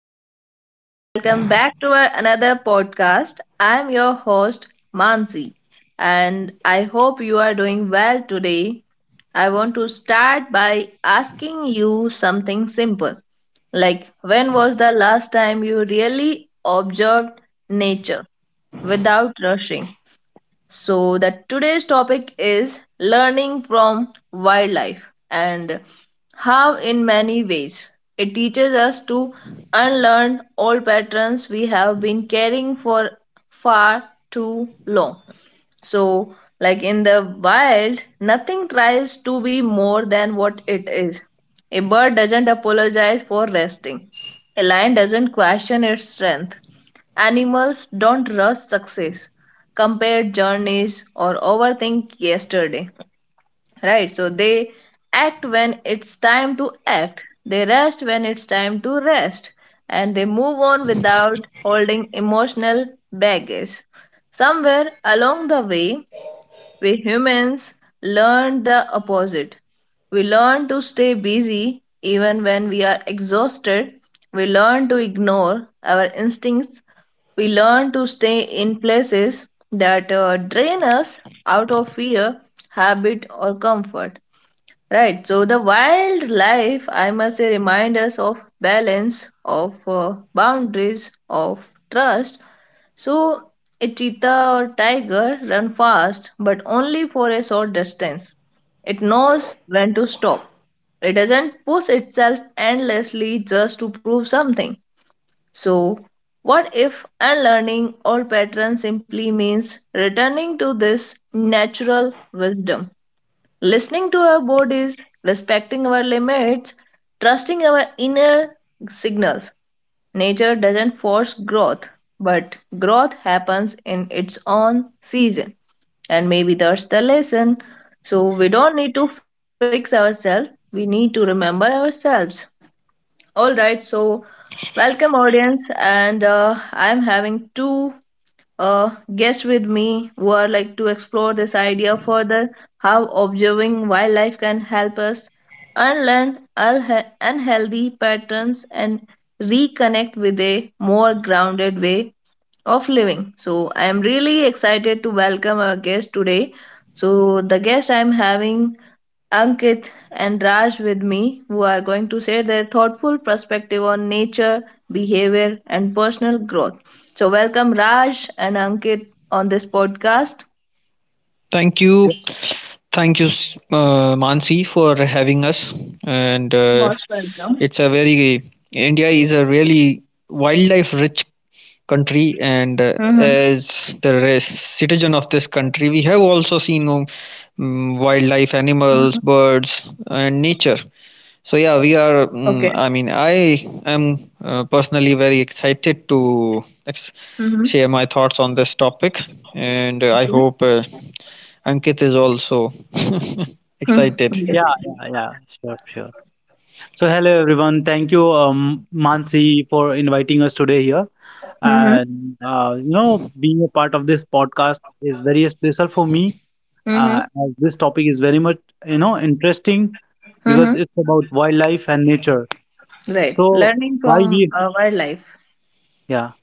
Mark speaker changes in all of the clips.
Speaker 1: Hey everyone, welcome back to our another podcast. I'm your host Mansi and I hope you are doing well today. I want to start by asking you something simple. Like when was the last time you really observed nature without rushing? So that today's topic is learning from wildlife and how in many ways it teaches us to unlearn old patterns we have been carrying for far too long. So, like in the wild, nothing tries to be more than what it is. A bird doesn't apologize for resting. A lion doesn't question its strength. Animals don't rush success, compare journeys, or overthink yesterday. Right? So they act when it's time to act, they rest when it's time to rest, and they move on without holding emotional baggage. Somewhere along the way, we humans learn the opposite. We learn to stay busy even when we are exhausted. We learn to ignore our instincts. We learn to stay in places that drain us out of fear, habit, or comfort. Right. So the wildlife, I must say, remind us of balance, of boundaries, of trust. So a cheetah or tiger run fast, but only for a short distance. It knows when to stop. It doesn't push itself endlessly just to prove something. So, what if unlearning old patterns simply means returning to this natural wisdom? Listening to our bodies, respecting our limits, trusting our inner signals. Nature doesn't force growth, but growth happens in its own season. And maybe that's the lesson. So we don't need to fix ourselves, we need to remember ourselves. All right, so welcome audience, and I'm having two guests with me who are like to explore this idea further how observing wildlife can help us unlearn unhealthy patterns and reconnect with a more grounded way of living. So I am really excited to welcome our guest today. So the guest I am having Ankit and Raj with me who are going to share their thoughtful perspective on nature, behavior and personal growth. So welcome Raj and Ankit on this podcast.
Speaker 2: Thank you.
Speaker 3: Yeah,
Speaker 2: Thank you, Mansi, for having us. And
Speaker 1: Most welcome.
Speaker 2: it's a very, India is a really wildlife rich
Speaker 1: Hmm.
Speaker 2: country. And as the citizen of this country, we have also seen
Speaker 1: Mhm.
Speaker 2: wildlife, animals, birds, and nature. So yeah, we
Speaker 1: Okay.
Speaker 2: are. Mm I mean, I am personally very excited to
Speaker 1: Hmm.
Speaker 2: share my thoughts on this topic, and I
Speaker 1: Okay.
Speaker 2: hope Ankit is also
Speaker 1: Hmm.
Speaker 2: excited.
Speaker 1: Okay.
Speaker 3: yeah. Sure. So, hello everyone. Thank you, Mansi, for inviting us today here.
Speaker 1: Hmm.
Speaker 3: And being a part of this podcast is very special for me,
Speaker 1: Hmm.
Speaker 3: as this topic is very much interesting because
Speaker 1: Hmm.
Speaker 3: it's about wildlife and nature.
Speaker 1: Right.
Speaker 3: So,
Speaker 1: Learning
Speaker 3: why
Speaker 1: from
Speaker 3: we?
Speaker 1: wildlife.
Speaker 3: Yeah,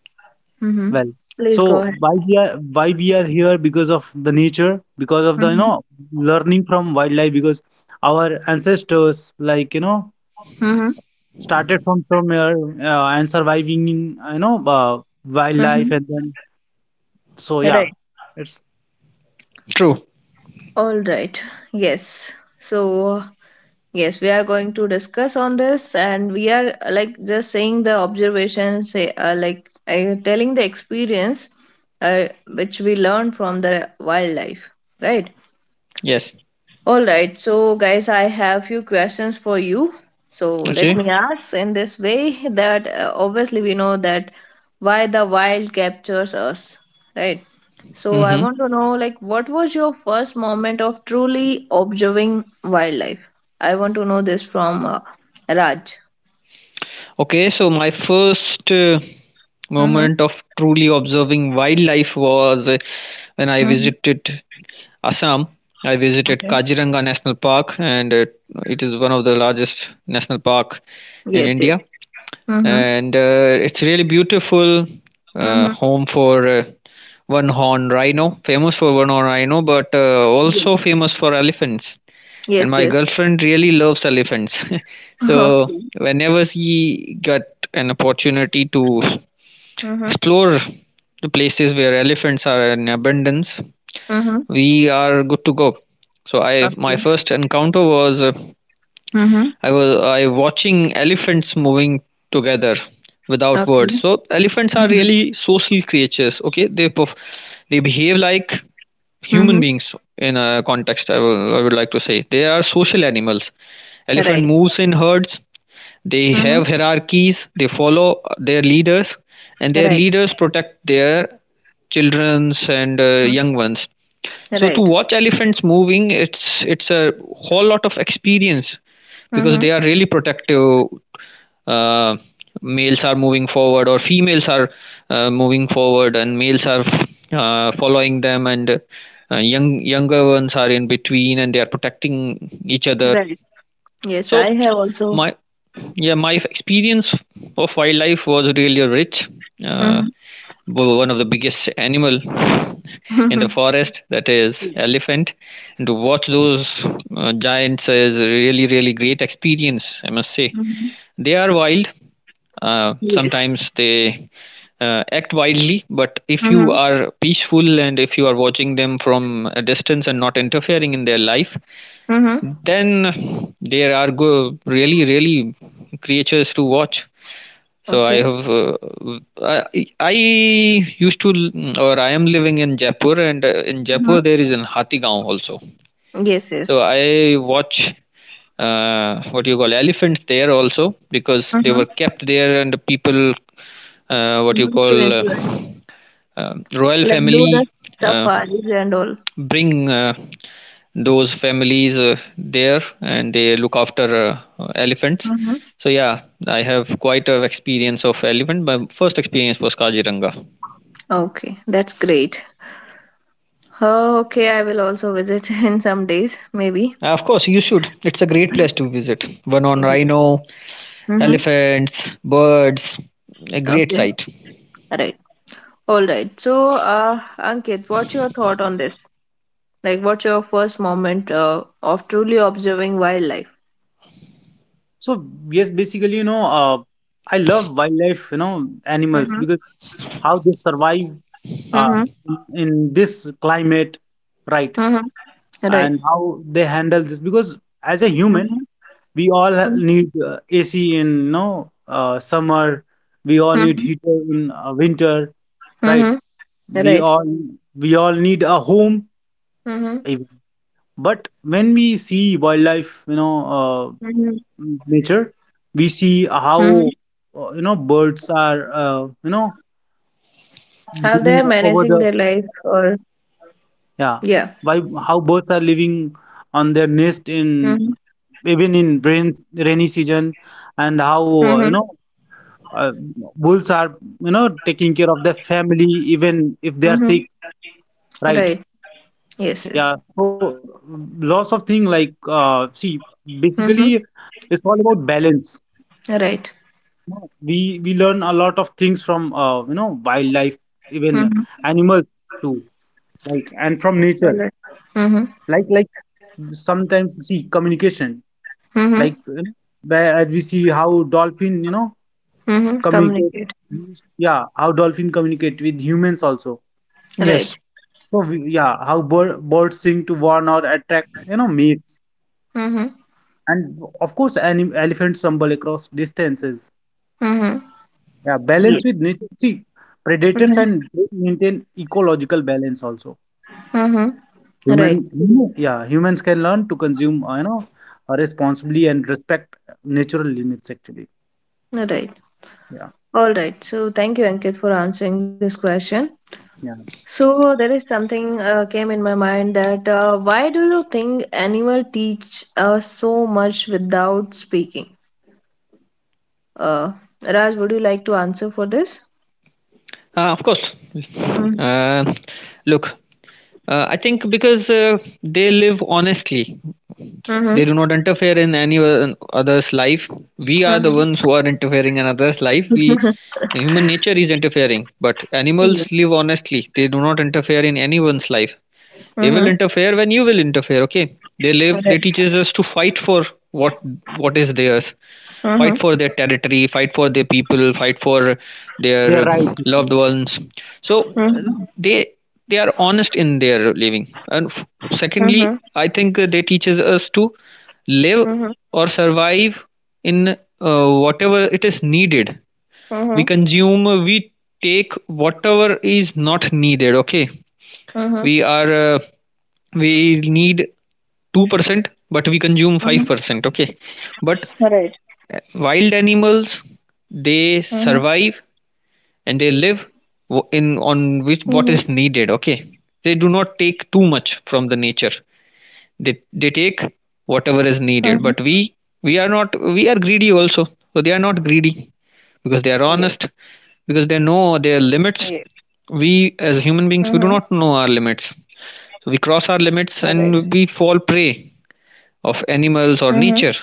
Speaker 1: Hmm.
Speaker 3: well.
Speaker 1: Please go
Speaker 3: So
Speaker 1: ahead.
Speaker 3: why we are here because of the nature, because of the learning from wildlife, because our ancestors
Speaker 1: Mhm.
Speaker 3: started from somewhere and surviving in you know uh, wildlife
Speaker 1: Mm-hmm.
Speaker 3: and then so yeah
Speaker 1: Right.
Speaker 3: it's
Speaker 2: True.
Speaker 1: All right. Yes. So, yes, we are going to discuss on this, and we are like just saying the observations, say, like telling the experience which we learned from the wildlife, right?
Speaker 2: Yes.
Speaker 1: All right, so guys, I have few questions for you. So let me
Speaker 2: Okay.
Speaker 1: ask in this way that obviously we know that why the wild captures us, right? So I
Speaker 2: Mm-hmm.
Speaker 1: want to know like what was your first moment of truly observing wildlife? I want to know this from Raj.
Speaker 2: Okay. So my first
Speaker 1: Mm-hmm.
Speaker 2: moment of truly observing wildlife was when I
Speaker 1: Mm-hmm.
Speaker 2: visited Assam, I visited
Speaker 1: Okay.
Speaker 2: Kaziranga National Park, and it is one of the largest national park in
Speaker 1: Yes, yes.
Speaker 2: India.
Speaker 1: Mm-hmm.
Speaker 2: And it's really beautiful
Speaker 1: Mm-hmm.
Speaker 2: home for one horned rhino, famous for one horned rhino, but
Speaker 1: Yes,
Speaker 2: also famous for elephants.
Speaker 1: yes,
Speaker 2: And my
Speaker 1: yes.
Speaker 2: girlfriend really loves elephants, so
Speaker 1: Okay.
Speaker 2: whenever she got an opportunity to
Speaker 1: Mm-hmm.
Speaker 2: explore the places where elephants are in abundance,
Speaker 1: Mm-hmm.
Speaker 2: we are good to go. So I my
Speaker 1: Okay.
Speaker 2: first encounter was
Speaker 1: Mm-hmm.
Speaker 2: I watching elephants moving together without
Speaker 1: Okay.
Speaker 2: words. So elephants are
Speaker 1: Mm-hmm.
Speaker 2: really social creatures. Okay, they behave like human
Speaker 1: Mm-hmm.
Speaker 2: beings in a context. I would like to say they are social animals. Elephant
Speaker 1: Right.
Speaker 2: moves in herds. They
Speaker 1: Mm-hmm.
Speaker 2: have hierarchies. They follow their leaders, and their
Speaker 1: Right.
Speaker 2: leaders protect their childrens and
Speaker 1: Mm.
Speaker 2: young ones so to
Speaker 1: Right.
Speaker 2: watch elephants moving, it's a whole lot of experience because
Speaker 1: Mm-hmm.
Speaker 2: they are really protective. Uh, Males are moving forward, or females are moving forward, and males are following them, and younger ones are in between, and they are protecting each other.
Speaker 1: Right. Yes,
Speaker 2: So
Speaker 1: I have also.
Speaker 2: my yeah my experience of wildlife was really rich. Uh,
Speaker 1: Mm-hmm.
Speaker 2: One of the biggest animal in the forest that is
Speaker 1: Yes.
Speaker 2: elephant and to watch those giants is a really really great experience I must say
Speaker 1: Mm-hmm.
Speaker 2: they are wild
Speaker 1: Yes.
Speaker 2: sometimes they act wildly, but if you
Speaker 1: Mm-hmm.
Speaker 2: are peaceful and if you are watching them from a distance and not interfering in their life,
Speaker 1: Mm-hmm.
Speaker 2: then there are go really really creatures to watch. So I
Speaker 1: Okay.
Speaker 2: have I used to or I am living in Jaipur, and in
Speaker 1: Mm-hmm.
Speaker 2: Jaipur there is an Hatigaon also.
Speaker 1: Yes, yes.
Speaker 2: So I watch what you call elephants there also because they
Speaker 1: Mm-hmm.
Speaker 2: were kept there and the people what you
Speaker 1: Mm-hmm. To
Speaker 2: call
Speaker 1: enjoy,
Speaker 2: royal
Speaker 1: like do the
Speaker 2: family uh,
Speaker 1: safaris and all.
Speaker 2: bring those families there and they look after elephants.
Speaker 1: Mm-hmm.
Speaker 2: So yeah, I have quite a experience of elephant. My first experience was Kaziranga.
Speaker 1: Okay, that's great. Oh, okay, I will also visit in some days, maybe.
Speaker 2: Of course, you should. It's a great place to visit. One on
Speaker 1: Yes.
Speaker 2: rhino,
Speaker 1: Mm-hmm.
Speaker 2: elephants, birds, a great
Speaker 1: Okay.
Speaker 2: sight.
Speaker 1: Right. All right. So, Ankit, what's your thought on this? Like, what's your first moment of truly observing wildlife?
Speaker 3: so yes basically I love wildlife animals
Speaker 1: Mm-hmm.
Speaker 3: because how they survive uh,
Speaker 1: Mm-hmm.
Speaker 3: in this climate, right?
Speaker 1: Mm-hmm.
Speaker 3: And
Speaker 1: Right.
Speaker 3: how they handle this because as a human
Speaker 1: Mm-hmm.
Speaker 3: we all need AC in summer, we all need heater
Speaker 1: Mm-hmm.
Speaker 3: in winter, right?
Speaker 1: Mm-hmm.
Speaker 3: we all
Speaker 1: Right.
Speaker 3: we all need a home.
Speaker 1: Mm-hmm.
Speaker 3: But when we see wildlife, uh,
Speaker 1: Mm-hmm.
Speaker 3: nature, we see how
Speaker 1: Mm-hmm.
Speaker 3: birds are,
Speaker 1: How
Speaker 3: living
Speaker 1: they're
Speaker 3: over
Speaker 1: managing
Speaker 3: the
Speaker 1: their life, or
Speaker 3: yeah,
Speaker 1: yeah.
Speaker 3: by how birds are living on their nest
Speaker 1: Mm-hmm.
Speaker 3: in even in rainy season, and how uh, you
Speaker 1: Mm-hmm.
Speaker 3: know uh, wolves are taking care of their family even if they are sick,
Speaker 1: Mm-hmm.
Speaker 3: right?
Speaker 1: Right.
Speaker 3: Yeah, so
Speaker 1: Yes. Yes.
Speaker 3: lots of thing like see basically it's
Speaker 1: Mm-hmm.
Speaker 3: all about balance.
Speaker 1: Right.
Speaker 3: No, we learn a lot of things from wildlife, even
Speaker 1: Mm-hmm.
Speaker 3: animals too, like, and from nature.
Speaker 1: All right. Mm-hmm.
Speaker 3: Like sometimes we see communication, like
Speaker 1: Mm-hmm.
Speaker 3: you know, where as we see how dolphin
Speaker 1: Mm-hmm.
Speaker 3: communicate,
Speaker 1: Communicate.
Speaker 3: yeah, how dolphin communicate with humans also.
Speaker 1: Right.
Speaker 2: Yes,
Speaker 3: So we, yeah how birds sing to warn or attract mates,
Speaker 1: Mm-hmm.
Speaker 3: and of course elephants rumble across distances,
Speaker 1: Mm-hmm.
Speaker 3: yeah, balance
Speaker 1: Yes.
Speaker 3: with nature, see predators,
Speaker 1: Mm-hmm.
Speaker 3: and they maintain ecological balance also.
Speaker 1: Mm-hmm.
Speaker 3: Human,
Speaker 1: Right.
Speaker 3: yeah, humans can learn to consume, responsibly and respect natural limits, actually.
Speaker 1: Right.
Speaker 3: Yeah,
Speaker 1: All right. So thank you, Ankit, for answering this question.
Speaker 3: yeah,
Speaker 1: So there is something came in my mind that why do you think animal teach us so much without speaking? Uh, Raj, would you like to answer for this?
Speaker 2: of course. Uh, look, I think because they live honestly,
Speaker 1: Mm-hmm.
Speaker 2: they do not interfere in any other's life. We are the
Speaker 1: Mm-hmm.
Speaker 2: ones who are interfering in others' life. We Human nature is interfering, but
Speaker 1: Yeah.
Speaker 2: animals live honestly. They do not interfere in anyone's life. They will
Speaker 1: Mm-hmm.
Speaker 2: interfere when you will interfere, okay?
Speaker 1: Right.
Speaker 2: They teaches us to fight for what is theirs.
Speaker 1: Mm-hmm.
Speaker 2: Fight for their territory, fight for their people, fight for
Speaker 3: they're
Speaker 2: their
Speaker 3: right.
Speaker 2: loved
Speaker 3: Actually.
Speaker 2: ones. So
Speaker 1: Mm-hmm.
Speaker 2: they they are honest in their living. And
Speaker 1: Mm-hmm.
Speaker 2: secondly, I think they teaches us to live or survive in whatever it is needed, we
Speaker 1: Mm-hmm.
Speaker 2: consume, we take whatever is not needed, okay?
Speaker 1: Mm-hmm.
Speaker 2: we are uh, we need 2%, but we consume
Speaker 1: Mm-hmm.
Speaker 2: 5%, okay? But
Speaker 1: Right.
Speaker 2: wild animals, they
Speaker 1: Mm-hmm.
Speaker 2: survive and they live in on
Speaker 1: Mm-hmm.
Speaker 2: which what is needed, okay? They do not take too much from the nature. They take whatever is needed,
Speaker 1: Mm-hmm.
Speaker 2: but we are not we are greedy also. So they are not greedy because they are honest,
Speaker 1: Yes.
Speaker 2: because they know their
Speaker 1: Yes.
Speaker 2: limits. We, as
Speaker 1: Mm-hmm.
Speaker 2: human beings, we do not know our limits. So we cross our
Speaker 1: Right.
Speaker 2: limits and we fall prey of
Speaker 1: Mm-hmm.
Speaker 2: animals or nature.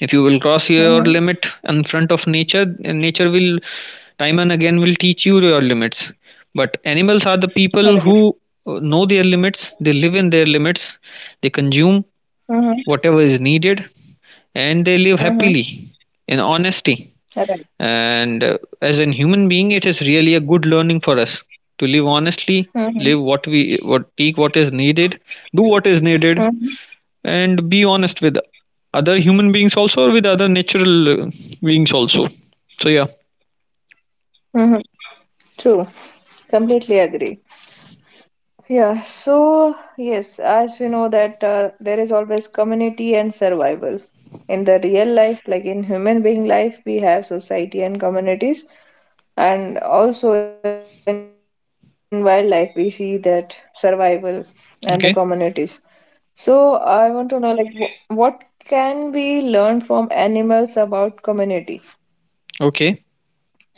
Speaker 2: If you will cross
Speaker 1: Mm-hmm.
Speaker 2: your limit in front of nature, nature will time and again will teach you your limits. But animals are the people
Speaker 1: Right.
Speaker 2: who know their limits, they live in their limits, they consume
Speaker 1: Mm-hmm.
Speaker 2: whatever is needed, and they live
Speaker 1: Mm-hmm.
Speaker 2: happily in honesty.
Speaker 1: Right.
Speaker 2: And as an human being, it is really a good learning for us to live honestly,
Speaker 1: Mm-hmm.
Speaker 2: live what we what take what is needed, do what is needed,
Speaker 1: Mm-hmm.
Speaker 2: and be honest with other human beings also, with other natural beings also. So yeah,
Speaker 1: Mm-hmm. True. Completely agree. Yeah, so yes, as we know that there is always community and survival. In the real life, like in human being life, we have society and communities, and also in wildlife, we see that survival and the communities.
Speaker 2: okay,
Speaker 1: So I want to know like what can we learn from animals about community?
Speaker 2: okay.
Speaker 1: So, uh,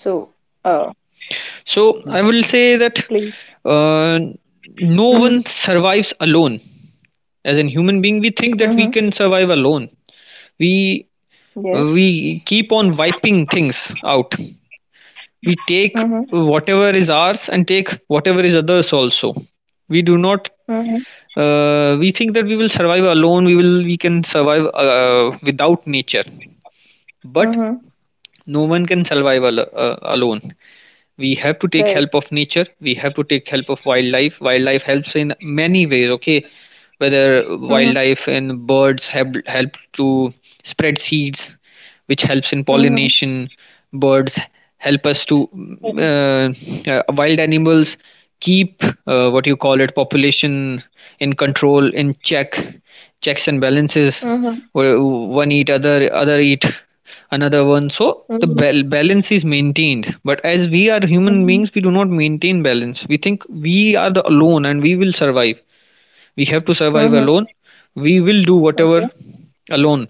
Speaker 2: So I
Speaker 3: Mm.
Speaker 2: will
Speaker 1: please.
Speaker 2: say that uh,
Speaker 1: Mm-hmm.
Speaker 2: no one survives alone. As an human being, we
Speaker 1: Mm-hmm.
Speaker 2: think that we can survive alone. We
Speaker 1: Yes.
Speaker 2: we keep on wiping things out. We take
Speaker 1: Mm-hmm.
Speaker 2: whatever is ours and take whatever is others also. We do not.
Speaker 1: Mm-hmm.
Speaker 2: We think that we will survive alone. We will. We can survive without nature. But
Speaker 1: Mm-hmm.
Speaker 2: no one can survive alone. We have to take help
Speaker 1: Right.
Speaker 2: of nature, we have to take help of wildlife. Wildlife helps in many ways, okay? Whether
Speaker 1: Mm-hmm.
Speaker 2: wildlife and birds have helped to spread seeds, which helps in
Speaker 1: Mhm.
Speaker 2: pollination. Birds help us to mm, Wild animals keep what you call it population in control, in check, checks and balances,
Speaker 1: Mhm.
Speaker 2: where one eat other, other eat another one. So
Speaker 1: Mhm.
Speaker 2: balance is maintained. But as we are human
Speaker 1: Mhm.
Speaker 2: beings, we do not maintain balance. We think we are the alone and we will survive. We have to survive
Speaker 1: Mhm.
Speaker 2: alone. We will do whatever
Speaker 1: Okay.
Speaker 2: alone.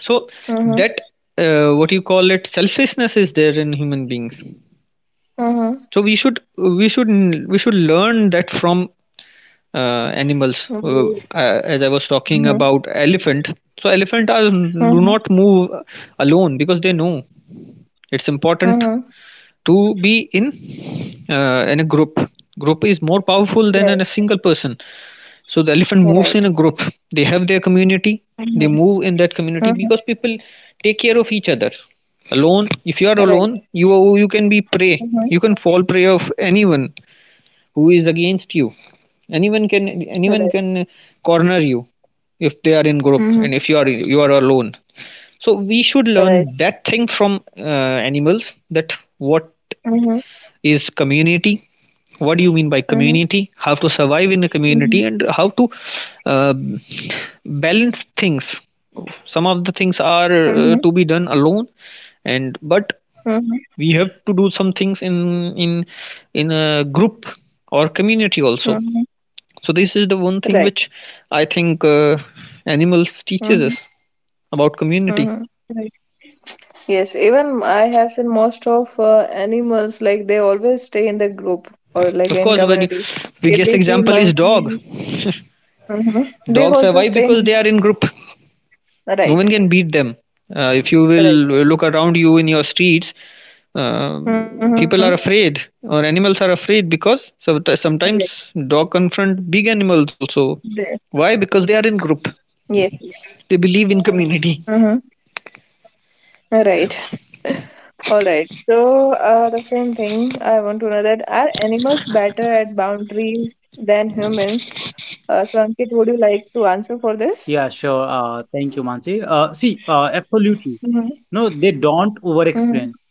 Speaker 2: So that
Speaker 1: Mhm.
Speaker 2: what you call it selfishness is there in human beings. So
Speaker 1: Mhm.
Speaker 2: we should learn that from uh, animals.
Speaker 1: Mhm.
Speaker 2: As I was talking about elephant. So elephant are
Speaker 1: Mhm.
Speaker 2: do
Speaker 1: Mhm.
Speaker 2: not move alone because they know it's important
Speaker 1: Mhm.
Speaker 2: to be in a group. Group is more powerful than
Speaker 1: Right.
Speaker 2: in a single person. So the elephant moves in
Speaker 1: Right.
Speaker 2: a group, they have their community, they
Speaker 1: Mhm.
Speaker 2: move in that community
Speaker 1: Mhm.
Speaker 2: because people take care of each other. Alone, if you are
Speaker 1: Right.
Speaker 2: alone, you can be prey,
Speaker 1: Mhm.
Speaker 2: you can fall prey of anyone who is against you. anyone can Anyone
Speaker 1: Right.
Speaker 2: can corner you if they are in group and
Speaker 1: Mhm.
Speaker 2: if you are alone. So we should learn
Speaker 1: Right.
Speaker 2: that thing from animals, that what
Speaker 1: Mhm.
Speaker 2: is community. What do you mean by
Speaker 1: Mhm.
Speaker 2: community? How to survive in a community
Speaker 1: Mhm.
Speaker 2: and how to uh, balance things. Some of the things are
Speaker 1: Mhm.
Speaker 2: to be done alone, and but
Speaker 1: Mhm.
Speaker 2: we have to do some things in a group or community also.
Speaker 1: Mhm.
Speaker 2: So this is the one thing
Speaker 1: Right.
Speaker 2: which I think animals teaches us
Speaker 1: Mhm.
Speaker 2: about community.
Speaker 1: Mhm. Right. Yes, even I have seen most of animals like they always stay in the group or like
Speaker 2: Of
Speaker 1: in
Speaker 2: course,
Speaker 1: community. If
Speaker 2: biggest
Speaker 1: we see
Speaker 2: example is dog.
Speaker 1: monkey, mhm,
Speaker 2: Dogs
Speaker 1: they
Speaker 2: survive
Speaker 1: also
Speaker 2: because
Speaker 1: stay
Speaker 2: they are in
Speaker 1: in
Speaker 2: group. No one can
Speaker 1: right.
Speaker 2: beat them. If you will
Speaker 1: Right.
Speaker 2: look around you in your streets, uh,
Speaker 1: Mm-hmm.
Speaker 2: people are afraid or animals are afraid because
Speaker 1: Right.
Speaker 2: sometimes dog confront big animals
Speaker 1: There.
Speaker 2: also. Why? Because they are in group.
Speaker 1: Yes.
Speaker 2: They believe in
Speaker 1: Mm-hmm.
Speaker 2: community.
Speaker 1: Right. All right. So, the same thing I want to know that are animals better at boundaries than humans? So, Ankit, would you like to answer for this?
Speaker 3: Yeah, sure. Thank you, Mansi. See, absolutely.
Speaker 1: Mm-hmm.
Speaker 3: No, they don't over-explain,
Speaker 1: Mm-hmm.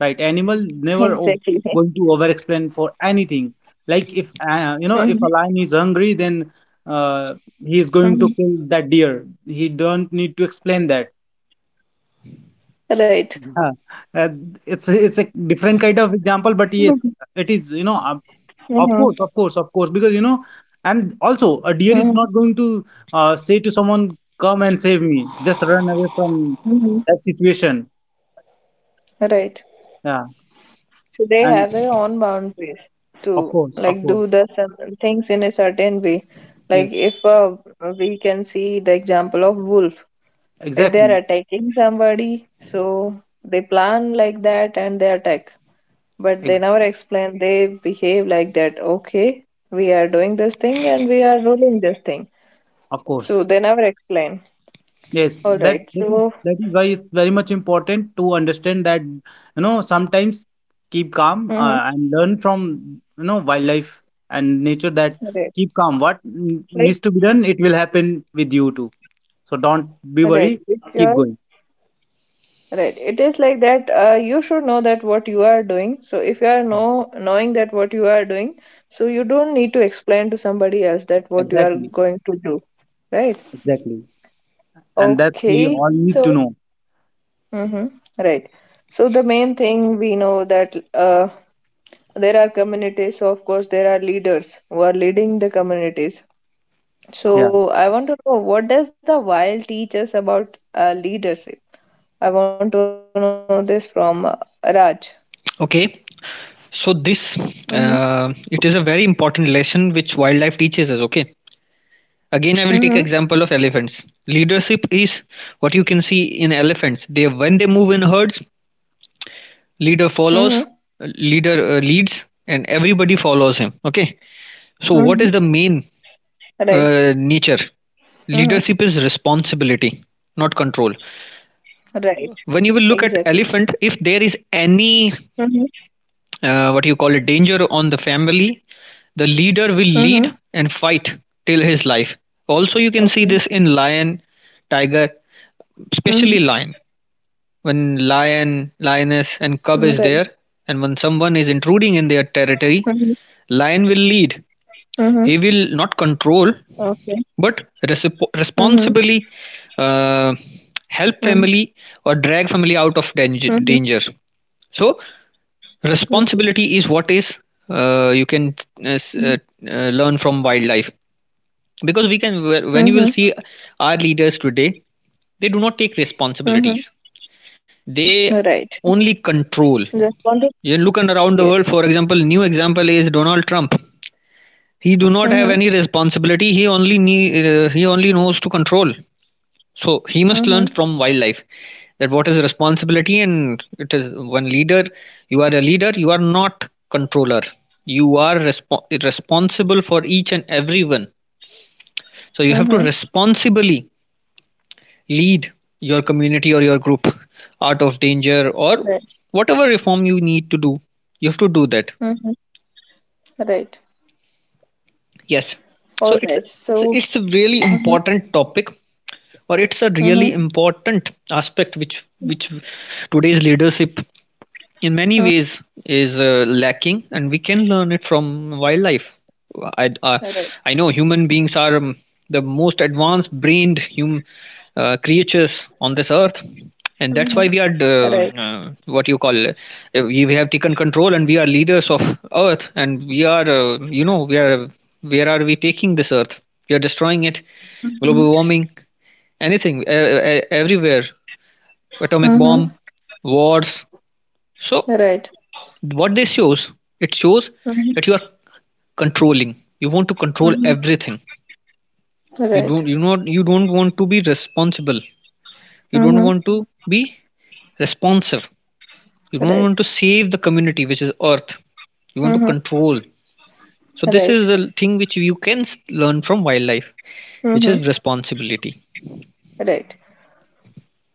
Speaker 3: right? Animal never o-
Speaker 1: Exactly.
Speaker 3: going to over-explain for anything. Like if if a
Speaker 1: Mm-hmm.
Speaker 3: lion is hungry, then uh, he is going to
Speaker 1: Mm-hmm.
Speaker 3: kill that deer. He don't need to explain that.
Speaker 1: Right.
Speaker 3: Yeah, it's a different kind of example, but yes,
Speaker 1: Mm-hmm.
Speaker 3: it is, of
Speaker 1: Mm-hmm.
Speaker 3: course, of course, of course, because and also a deer is not going to say to someone, "Come and save me," just run away from
Speaker 1: Mm-hmm.
Speaker 3: that situation.
Speaker 1: Right.
Speaker 3: Yeah,
Speaker 1: So they
Speaker 3: and
Speaker 1: have their own boundaries to
Speaker 3: of
Speaker 1: like
Speaker 3: course,
Speaker 1: do the some things in a certain way. Like
Speaker 3: yes,
Speaker 1: if we can see the example of wolf, if they
Speaker 3: exactly,
Speaker 1: are attacking somebody, so they plan like that and they attack. But they
Speaker 3: ex-
Speaker 1: never explain. They behave like that. Okay, we are doing this thing and we are ruling this thing.
Speaker 3: of
Speaker 1: So
Speaker 3: course.
Speaker 1: they never explain.
Speaker 3: Yes,
Speaker 1: All
Speaker 3: that
Speaker 1: right.
Speaker 3: that
Speaker 1: So
Speaker 3: is that is why it's very much important to understand that sometimes keep calm
Speaker 1: mm-hmm.
Speaker 3: and learn from wildlife and nature. That
Speaker 1: Right.
Speaker 3: keep calm. What
Speaker 1: Like
Speaker 3: needs to be done, it will happen with you too. So don't be
Speaker 1: right.
Speaker 3: worried.
Speaker 1: If
Speaker 3: Keep
Speaker 1: your
Speaker 3: going.
Speaker 1: right. It is like that you should know that what you are doing. So if you are
Speaker 3: Yeah,
Speaker 1: knowing that what you are doing, so you don't need to explain to somebody else that what you are
Speaker 3: exactly,
Speaker 1: going to do. Right.
Speaker 3: exactly, and that we
Speaker 1: Okay.
Speaker 3: all need to
Speaker 1: So,
Speaker 3: know.
Speaker 1: mm-hmm. Right. So the main thing we know that there are communities, so of course there are leaders who are leading the communities.
Speaker 3: Yeah.
Speaker 1: So I want to know what does the while teach us about leadership? I want to know this from Raj.
Speaker 2: Okay. So this
Speaker 1: Mm-hmm.
Speaker 2: it is a very important lesson which wildlife teaches us. Okay. Again, I will take example of
Speaker 1: Mm-hmm.
Speaker 2: elephants. Leadership is what you can see in elephants. They when they move in herds, leader follows
Speaker 1: Mm-hmm.
Speaker 2: leader leads and everybody follows him, okay?
Speaker 1: Mm-hmm.
Speaker 2: So what is the main
Speaker 1: Right.
Speaker 2: nature
Speaker 1: Mm-hmm.
Speaker 2: leadership is responsibility, not control.
Speaker 1: Right.
Speaker 2: When you will look at
Speaker 1: Exactly.
Speaker 2: elephant, if there is any
Speaker 1: Mm-hmm.
Speaker 2: what you call it danger on the family, the leader will lead
Speaker 1: Mm-hmm.
Speaker 2: and fight till his life. Also, you can see this
Speaker 1: Okay.
Speaker 2: in lion, tiger, especially
Speaker 1: Mm-hmm.
Speaker 2: lion. When lion, lioness
Speaker 1: Right.
Speaker 2: and cub is there, and when someone is intruding in their
Speaker 1: Mm-hmm.
Speaker 2: territory, lion will lead.
Speaker 1: Mm-hmm.
Speaker 2: He will not control,
Speaker 1: Okay.
Speaker 2: but
Speaker 1: Mm-hmm.
Speaker 2: responsibly uh, help
Speaker 1: Mm-hmm.
Speaker 2: family or drag family out of danger.
Speaker 1: Mm-hmm.
Speaker 2: danger. So
Speaker 1: Right.
Speaker 2: responsibility is what is you can uh, uh, learn from wildlife. Because we can when you will
Speaker 1: Mm-hmm.
Speaker 2: see our leaders today, they do not take responsibilities,
Speaker 1: Mm-hmm.
Speaker 2: they
Speaker 1: Right.
Speaker 2: only control.
Speaker 1: Just want to
Speaker 2: You look around the world,
Speaker 1: yes.
Speaker 2: for example, new example is Donald Trump. He do not have
Speaker 1: Mm-hmm.
Speaker 2: any responsibility. He only he only knows to control. So he must learn
Speaker 1: Mm-hmm.
Speaker 2: from wildlife that what is responsibility, and it is one leader. You are a leader. You are not controller. You are responsible for each and everyone. So you have to
Speaker 1: Mm-hmm.
Speaker 2: responsibly lead your community or your group out of danger or
Speaker 1: Right.
Speaker 2: whatever reform you need to do, you have to do that.
Speaker 1: Mm-hmm. Right.
Speaker 2: Yes, so
Speaker 1: All
Speaker 2: it's a,
Speaker 1: right.
Speaker 2: it's a-
Speaker 1: So
Speaker 2: it's a really
Speaker 1: mm-hmm.
Speaker 2: important topic, or it's a really
Speaker 1: Mm-hmm.
Speaker 2: important aspect which today's leadership in many ways is lacking, and we can learn it from wildlife. i uh,
Speaker 1: Right.
Speaker 2: I know human beings are the most advanced brained hum creatures on this earth,
Speaker 1: Mm-hmm.
Speaker 2: and that's why we
Speaker 1: Right.
Speaker 2: are what you call we have taken control and we are leaders of earth. And we are we are, where are we taking this earth? We are destroying it.
Speaker 1: Mm-hmm.
Speaker 2: Global warming, anything, everywhere, atomic
Speaker 1: Mm-hmm.
Speaker 2: bomb, wars. So
Speaker 1: Right.
Speaker 2: what this shows, it shows that
Speaker 1: Mm-hmm.
Speaker 2: you are controlling. You want to control everything. You
Speaker 1: Right.
Speaker 2: don't you not you don't want to be responsible. You don't
Speaker 1: Mm-hmm.
Speaker 2: want to be responsive. You don't
Speaker 1: Right.
Speaker 2: want to save the community, which is earth. You want to
Speaker 1: Mm-hmm.
Speaker 2: control. So this
Speaker 1: Right.
Speaker 2: is the thing which you can learn from wildlife, which is
Speaker 1: Mm-hmm.
Speaker 2: responsibility.
Speaker 1: Right.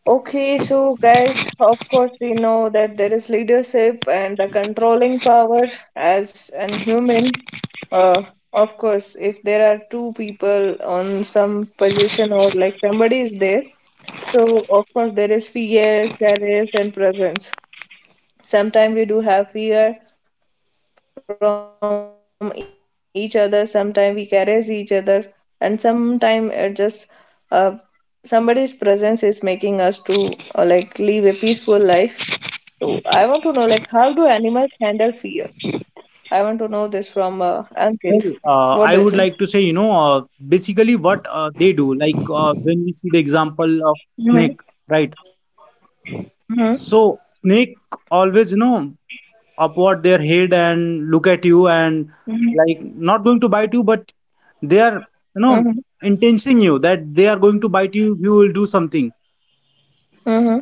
Speaker 1: Okay, so guys, of course, we know that there is leadership and the controlling power as an human. Uh, of course, if there are two people on some position or like somebody is there, so of course there is fear, courage, and presence. Sometimes we do have fear from each other, sometimes we caress each other, and sometimes it just uh, somebody's presence is making us to like live a peaceful life. So I want to know like how do animals handle fear? I want to know this from
Speaker 3: Well,
Speaker 1: Ankit.
Speaker 3: I
Speaker 1: What
Speaker 3: would
Speaker 1: do you
Speaker 3: like to
Speaker 1: think?
Speaker 3: say basically what they do. Like when we see the example of snake,
Speaker 1: Mm-hmm.
Speaker 3: right? So
Speaker 1: Mm-hmm.
Speaker 3: snake always, upward their head and look at you and like not going to bite you, but they are, you know,
Speaker 1: Mm-hmm.
Speaker 3: intensing you that they are going to bite you if you will do something.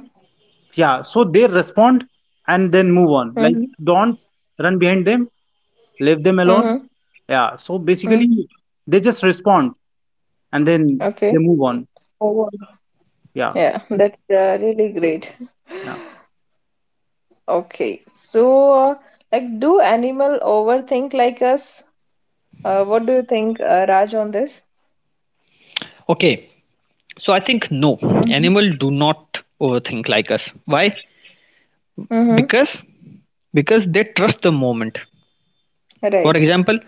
Speaker 1: Mm-hmm.
Speaker 3: Yeah. So they respond and then move on. Like don't run behind them, leave them alone.
Speaker 1: Mm-hmm.
Speaker 3: Yeah. So basically
Speaker 1: Mm-hmm.
Speaker 3: they just respond and then they
Speaker 1: Okay.
Speaker 3: move on.
Speaker 1: Oh, wow.
Speaker 3: Yeah.
Speaker 1: Yeah,
Speaker 3: It's,
Speaker 1: that's really great.
Speaker 3: yeah.
Speaker 1: Okay, so like, do animal overthink like us? What do you think, Raj, on this?
Speaker 2: Okay. So I think no,
Speaker 1: Mm-hmm.
Speaker 2: animal do not overthink like us. Why?
Speaker 1: Mm-hmm.
Speaker 2: Because because they trust the moment. For
Speaker 1: Right.
Speaker 2: example,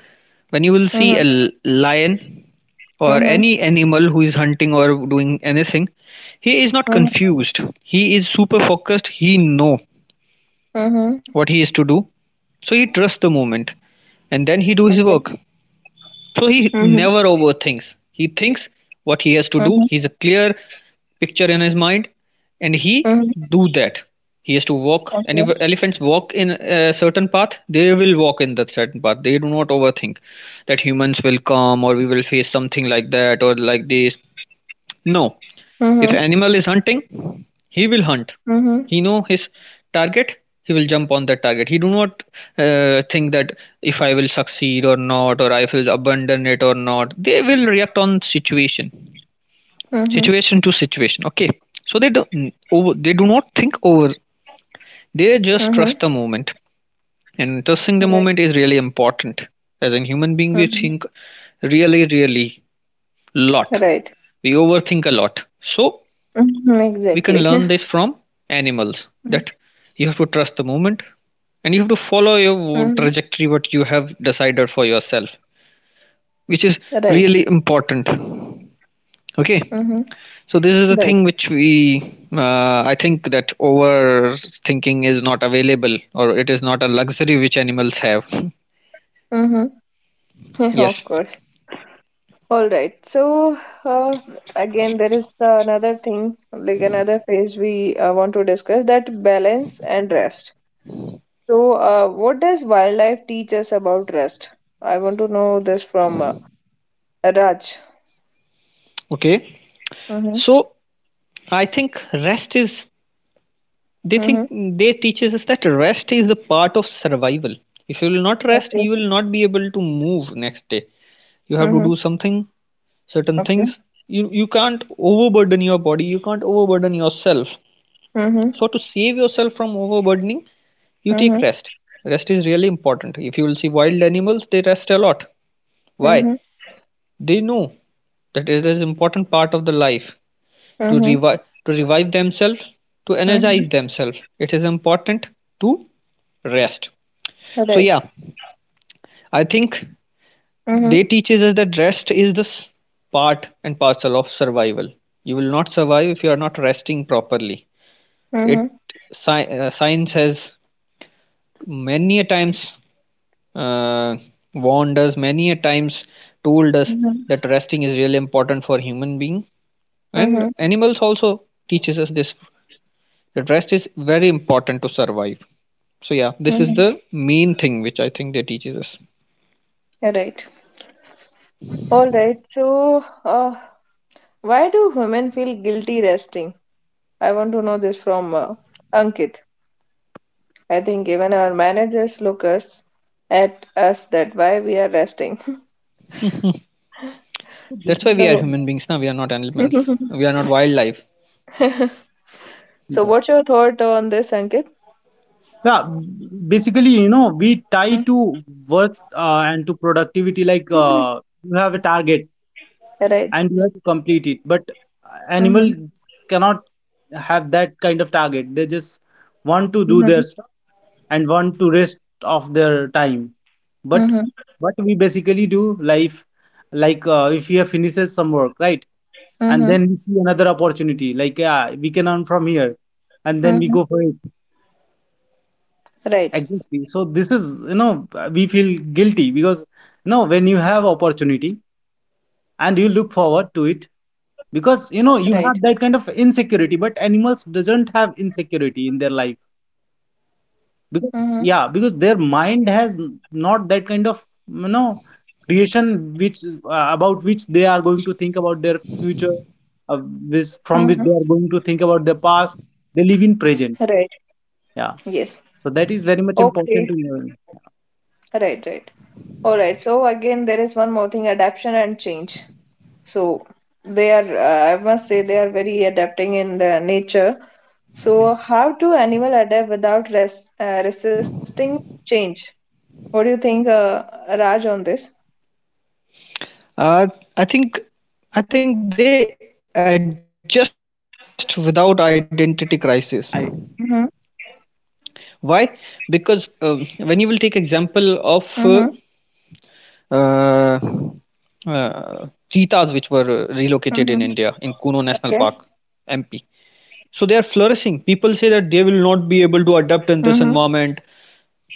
Speaker 2: when you will see
Speaker 1: Mm-hmm.
Speaker 2: a lion or
Speaker 1: Mm-hmm.
Speaker 2: any animal who is hunting or doing anything, he is not
Speaker 1: Mm-hmm.
Speaker 2: confused. He is super focused. He know
Speaker 1: Mm-hmm.
Speaker 2: what he is to do, so he trusts the moment, and then he do his
Speaker 1: Okay.
Speaker 2: work. So he
Speaker 1: Mm-hmm.
Speaker 2: never overthinks. He thinks what he has to do.
Speaker 1: Mm-hmm.
Speaker 2: He's a clear picture in his mind, and he
Speaker 1: Mm-hmm.
Speaker 2: do that. He has to walk. And if
Speaker 1: Okay.
Speaker 2: elephants walk in a certain path, they will walk in that certain path. They do not overthink that humans will come, or we will face something like that or like this. No,
Speaker 1: Mm-hmm.
Speaker 2: if animal is hunting, he will hunt.
Speaker 1: Mm-hmm.
Speaker 2: He know his target. He will jump on that target. He do not think that if I will succeed or not, or I will abandon it or not. They will react on situation,
Speaker 1: Mm-hmm.
Speaker 2: situation to situation. Okay, so they do over. They do not think over. They just
Speaker 1: Mm-hmm.
Speaker 2: trust the moment, and trusting the
Speaker 1: Right.
Speaker 2: moment is really important. As a human being, we
Speaker 1: Mm-hmm.
Speaker 2: think really, really lot.
Speaker 1: Right.
Speaker 2: We overthink a lot. So
Speaker 1: Mm-hmm.
Speaker 2: we can
Speaker 1: Exactly.
Speaker 2: learn this from animals that you have to trust the moment, and you have to follow
Speaker 1: Mm-hmm.
Speaker 2: your trajectory what you have decided for yourself, which is
Speaker 1: Right.
Speaker 2: really important. Okay,
Speaker 1: Mm-hmm.
Speaker 2: so this is the
Speaker 1: Right.
Speaker 2: thing which we, I think, that overthinking is not available, or it is not a luxury which animals have.
Speaker 1: Mm-hmm.
Speaker 2: Yes.
Speaker 1: Of course. All right. So uh, again, there is another thing, like another phase we want to discuss that balance and rest. So, what does wildlife teach us about rest? I want to know this from Raj.
Speaker 2: Okay,
Speaker 1: Mm-hmm.
Speaker 2: so I think rest is, they
Speaker 1: Mm-hmm.
Speaker 2: think they teaches us that rest is the part of survival. If you will not rest,
Speaker 1: Okay.
Speaker 2: you will not be able to move next day. You have to
Speaker 1: Mm-hmm.
Speaker 2: do something, certain
Speaker 1: Okay.
Speaker 2: things. You can't overburden your body. You can't overburden yourself.
Speaker 1: Mm-hmm.
Speaker 2: So to save yourself from overburdening, you
Speaker 1: Mm-hmm.
Speaker 2: take rest. Rest is really important. If you will see wild animals, they rest a lot. Why?
Speaker 1: Mm-hmm.
Speaker 2: They know that it is an important part of the life. To
Speaker 1: Mm-hmm.
Speaker 2: revive to revive themselves, to energize
Speaker 1: Mm-hmm.
Speaker 2: themselves, it is important to rest.
Speaker 1: All
Speaker 2: So
Speaker 1: right.
Speaker 2: yeah, I think they
Speaker 1: Mm-hmm.
Speaker 2: teaches us that rest is this part and parcel of survival. You will not survive if you are not resting properly.
Speaker 1: Mm-hmm.
Speaker 2: It science has many a times uh, warned us, many a times told us that
Speaker 1: Mm-hmm.
Speaker 2: resting is really important for human being, and
Speaker 1: Mm-hmm.
Speaker 2: animals also teaches us this. The rest is very important to survive. So yeah, this is
Speaker 1: Mm-hmm.
Speaker 2: the main thing which I think they teaches us.
Speaker 1: All right. All right. So, why do women feel guilty resting? I want to know this from Ankit. I think even our managers look us at us that why we are resting.
Speaker 3: So
Speaker 2: That's why
Speaker 3: basically,
Speaker 2: we
Speaker 3: you
Speaker 2: are
Speaker 1: So,
Speaker 3: know,
Speaker 2: human beings now. We are not animals. We are not wildlife.
Speaker 1: so
Speaker 3: yeah.
Speaker 1: what's your thought on this, Ankit?
Speaker 3: Yeah, basically, we tie to worth and to productivity. Like
Speaker 1: Mhm.
Speaker 3: you have a target
Speaker 1: Right.
Speaker 3: and you have to complete it. But
Speaker 1: Mm-hmm.
Speaker 3: animal cannot have that kind of target. They just want to do
Speaker 1: Mm-hmm.
Speaker 3: their stuff and want to rest of their time. But
Speaker 1: Mm-hmm.
Speaker 3: what we basically do, life, like if we have finishes some work, right, and
Speaker 1: Mm-hmm.
Speaker 3: then we see another opportunity, like yeah, we can earn from here, and then we
Speaker 1: Mm-hmm.
Speaker 3: go for it.
Speaker 1: Right.
Speaker 3: Exactly. So this is, we feel guilty because, when you have opportunity and you look forward to it, because,
Speaker 1: Right.
Speaker 3: you have that kind of insecurity, but animals doesn't have insecurity in their life.
Speaker 1: Mm-hmm.
Speaker 3: Because, yeah, because their mind has not that kind of, creation which about which they are going to think about their future,
Speaker 1: Mm-hmm.
Speaker 3: this from which they are going to think about their past. They live in
Speaker 1: Right.
Speaker 3: present.
Speaker 1: Yes.
Speaker 3: Yeah. So that is very much
Speaker 1: Okay.
Speaker 3: important to learn.
Speaker 1: Right. Right. All right. So again, there is one more thing: adaptation and change. So they are, I must say, they are very adapting in the nature.
Speaker 3: Yeah.
Speaker 1: So how do animal adapt without res resisting change? What do you think, Raj, on this?
Speaker 2: Uh, I think I think they adjust without identity crisis.
Speaker 3: I,
Speaker 2: Why?
Speaker 1: Mm-hmm.
Speaker 2: Because when you will take example of
Speaker 1: Mm-hmm.
Speaker 2: uh, uh, cheetahs which were relocated in India in Kuno
Speaker 1: Mm-hmm.
Speaker 2: National Park,
Speaker 1: Okay.
Speaker 2: MP. So they are flourishing. People say that they will not be able to adapt in this environment.
Speaker 1: Mm-hmm.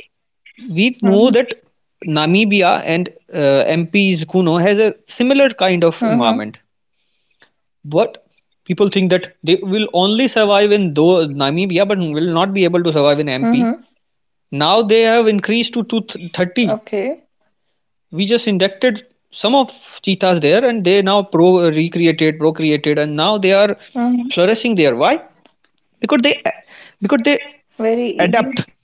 Speaker 2: We know that
Speaker 1: Mm-hmm.
Speaker 2: Namibia and MP's Kuno has a similar kind of environment,
Speaker 1: Mm-hmm.
Speaker 2: but people think that they will only survive in though Namibia, but will not be able to survive in MP.
Speaker 1: Mm-hmm.
Speaker 2: Now they have increased to 30.
Speaker 1: Okay.
Speaker 2: We just inducted some of cheetahs there, and they now pro recreated, procreated, and now they are
Speaker 1: Mm-hmm.
Speaker 2: flourishing there. Why? Because they because they
Speaker 1: Very easy.
Speaker 2: adapt.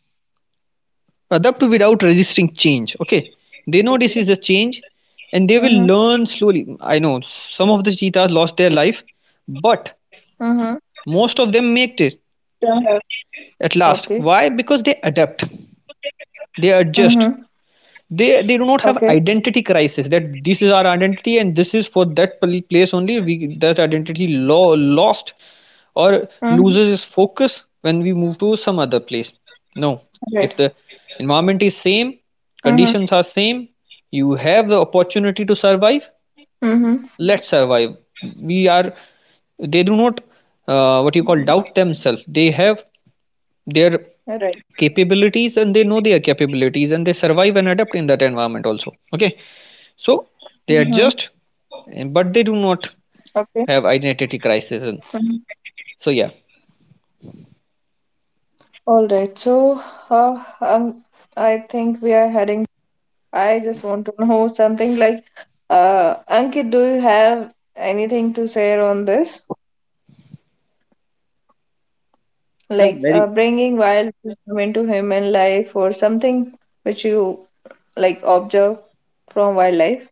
Speaker 2: Adapt without resisting change. Okay, they know
Speaker 1: Okay.
Speaker 2: this is a change, and
Speaker 1: Mm-hmm.
Speaker 2: they will learn slowly. I know some of the cheetahs lost their life,
Speaker 1: Mm-hmm.
Speaker 2: but most of them
Speaker 1: Don't
Speaker 2: make
Speaker 1: have.
Speaker 2: it
Speaker 1: Okay.
Speaker 2: at last. Why? Because they adapt,
Speaker 1: Mm-hmm.
Speaker 2: they adjust. they
Speaker 1: Okay.
Speaker 2: they do not have identity crisis that this is our identity, and this is for that place only. We, that identity lost or
Speaker 1: Mm-hmm.
Speaker 2: loses its focus when we move to some other place. No,
Speaker 1: Right.
Speaker 2: if the environment is same,
Speaker 1: Mm-hmm.
Speaker 2: conditions are same, you have the opportunity to survive.
Speaker 1: Mm-hmm.
Speaker 2: Let's survive. We are they do not, what you call doubt themselves. They have their
Speaker 1: Right.
Speaker 2: capabilities, and they know their capabilities, and they survive and adapt in that environment also. Okay,
Speaker 1: Mm-hmm.
Speaker 2: so they adjust, but they
Speaker 1: Okay.
Speaker 2: do not have
Speaker 1: Mm-hmm.
Speaker 2: identity crisis. And so yeah.
Speaker 1: All right, so uh, um, I think we are heading. I just want to know something like, Ankit, do you have anything to say on this? Like
Speaker 3: these are very
Speaker 1: bringing wild wisdom into human life or something which you like observe from wildlife?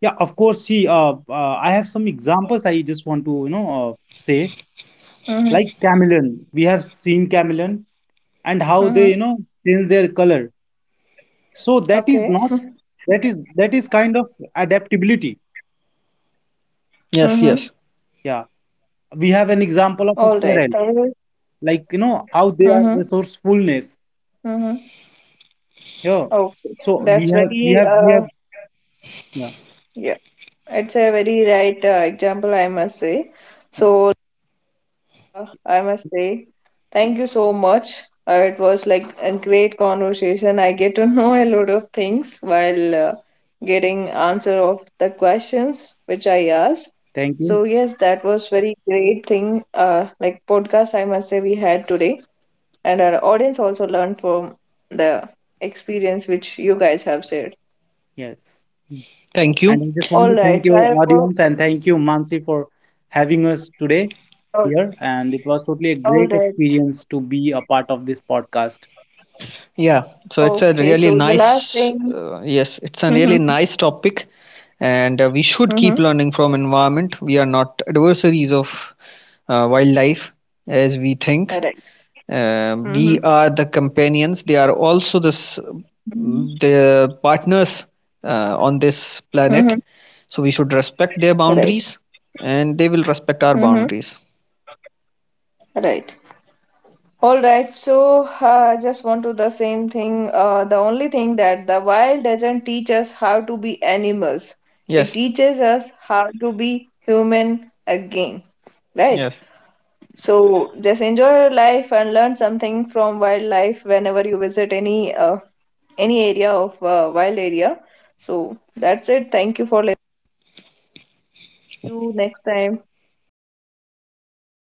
Speaker 3: Yeah, of course. See, I have some examples I just want to, say
Speaker 1: Mm-hmm.
Speaker 3: like chameleon. We have seen chameleon and how they,
Speaker 1: Mm-hmm.
Speaker 3: change their color. So that is not
Speaker 1: Okay.
Speaker 3: that is that is kind of adaptability.
Speaker 2: Yes,
Speaker 1: Mm-hmm.
Speaker 2: yes,
Speaker 3: Yeah, we have an example of a
Speaker 1: All right.
Speaker 3: squirrel, like how they are
Speaker 1: Mm-hmm.
Speaker 3: resourcefulness.
Speaker 1: Mm-hmm.
Speaker 3: Yeah. So
Speaker 1: Okay.
Speaker 3: we have.
Speaker 1: That's very,
Speaker 3: Yeah.
Speaker 1: yeah, it's a very right example, I must say. So, I must say, thank you so much. It was like a great conversation. I get to know a lot of things while getting answer of the questions which I asked.
Speaker 3: Thank you.
Speaker 1: So yes, that was very great thing. Like podcast, I must say we had today, and our audience also learned from the experience which you guys have shared.
Speaker 3: Yes. Hmm.
Speaker 2: thank
Speaker 3: And
Speaker 2: you.
Speaker 3: I just want
Speaker 1: All
Speaker 3: to thank
Speaker 1: right,
Speaker 3: you,
Speaker 1: I will.
Speaker 3: audience, and thank you, Mansi, for having us today
Speaker 1: All,
Speaker 3: here. And it was totally a
Speaker 1: all
Speaker 3: great
Speaker 1: right.
Speaker 3: experience to be a part of this podcast.
Speaker 2: Yeah, so it's a
Speaker 1: Okay,
Speaker 2: really
Speaker 1: so the last
Speaker 2: nice,
Speaker 1: thing.
Speaker 2: yes, it's a really nice topic, and we should
Speaker 1: Mm-hmm.
Speaker 2: keep
Speaker 1: Mm-hmm.
Speaker 2: learning from environment. We are not adversaries of wildlife as we think.
Speaker 1: All right.
Speaker 2: We
Speaker 1: Mm-hmm.
Speaker 2: are the companions. They are also
Speaker 1: Mm-hmm.
Speaker 2: the partners on this planet.
Speaker 1: Mm-hmm.
Speaker 2: So we should respect their
Speaker 1: Right.
Speaker 2: boundaries, and they will respect our
Speaker 1: Mm-hmm.
Speaker 2: boundaries.
Speaker 1: Right. All right. So, just want to the same thing. The only thing that the wild doesn't teach us how to be animals. It
Speaker 2: Yes,
Speaker 1: teaches us how to be human again. Right.
Speaker 2: yes.
Speaker 1: So, just enjoy your life and learn something from wildlife whenever you visit any area of wild area. So that's it. Thank you for listening. See you next time.
Speaker 2: Thank you so much.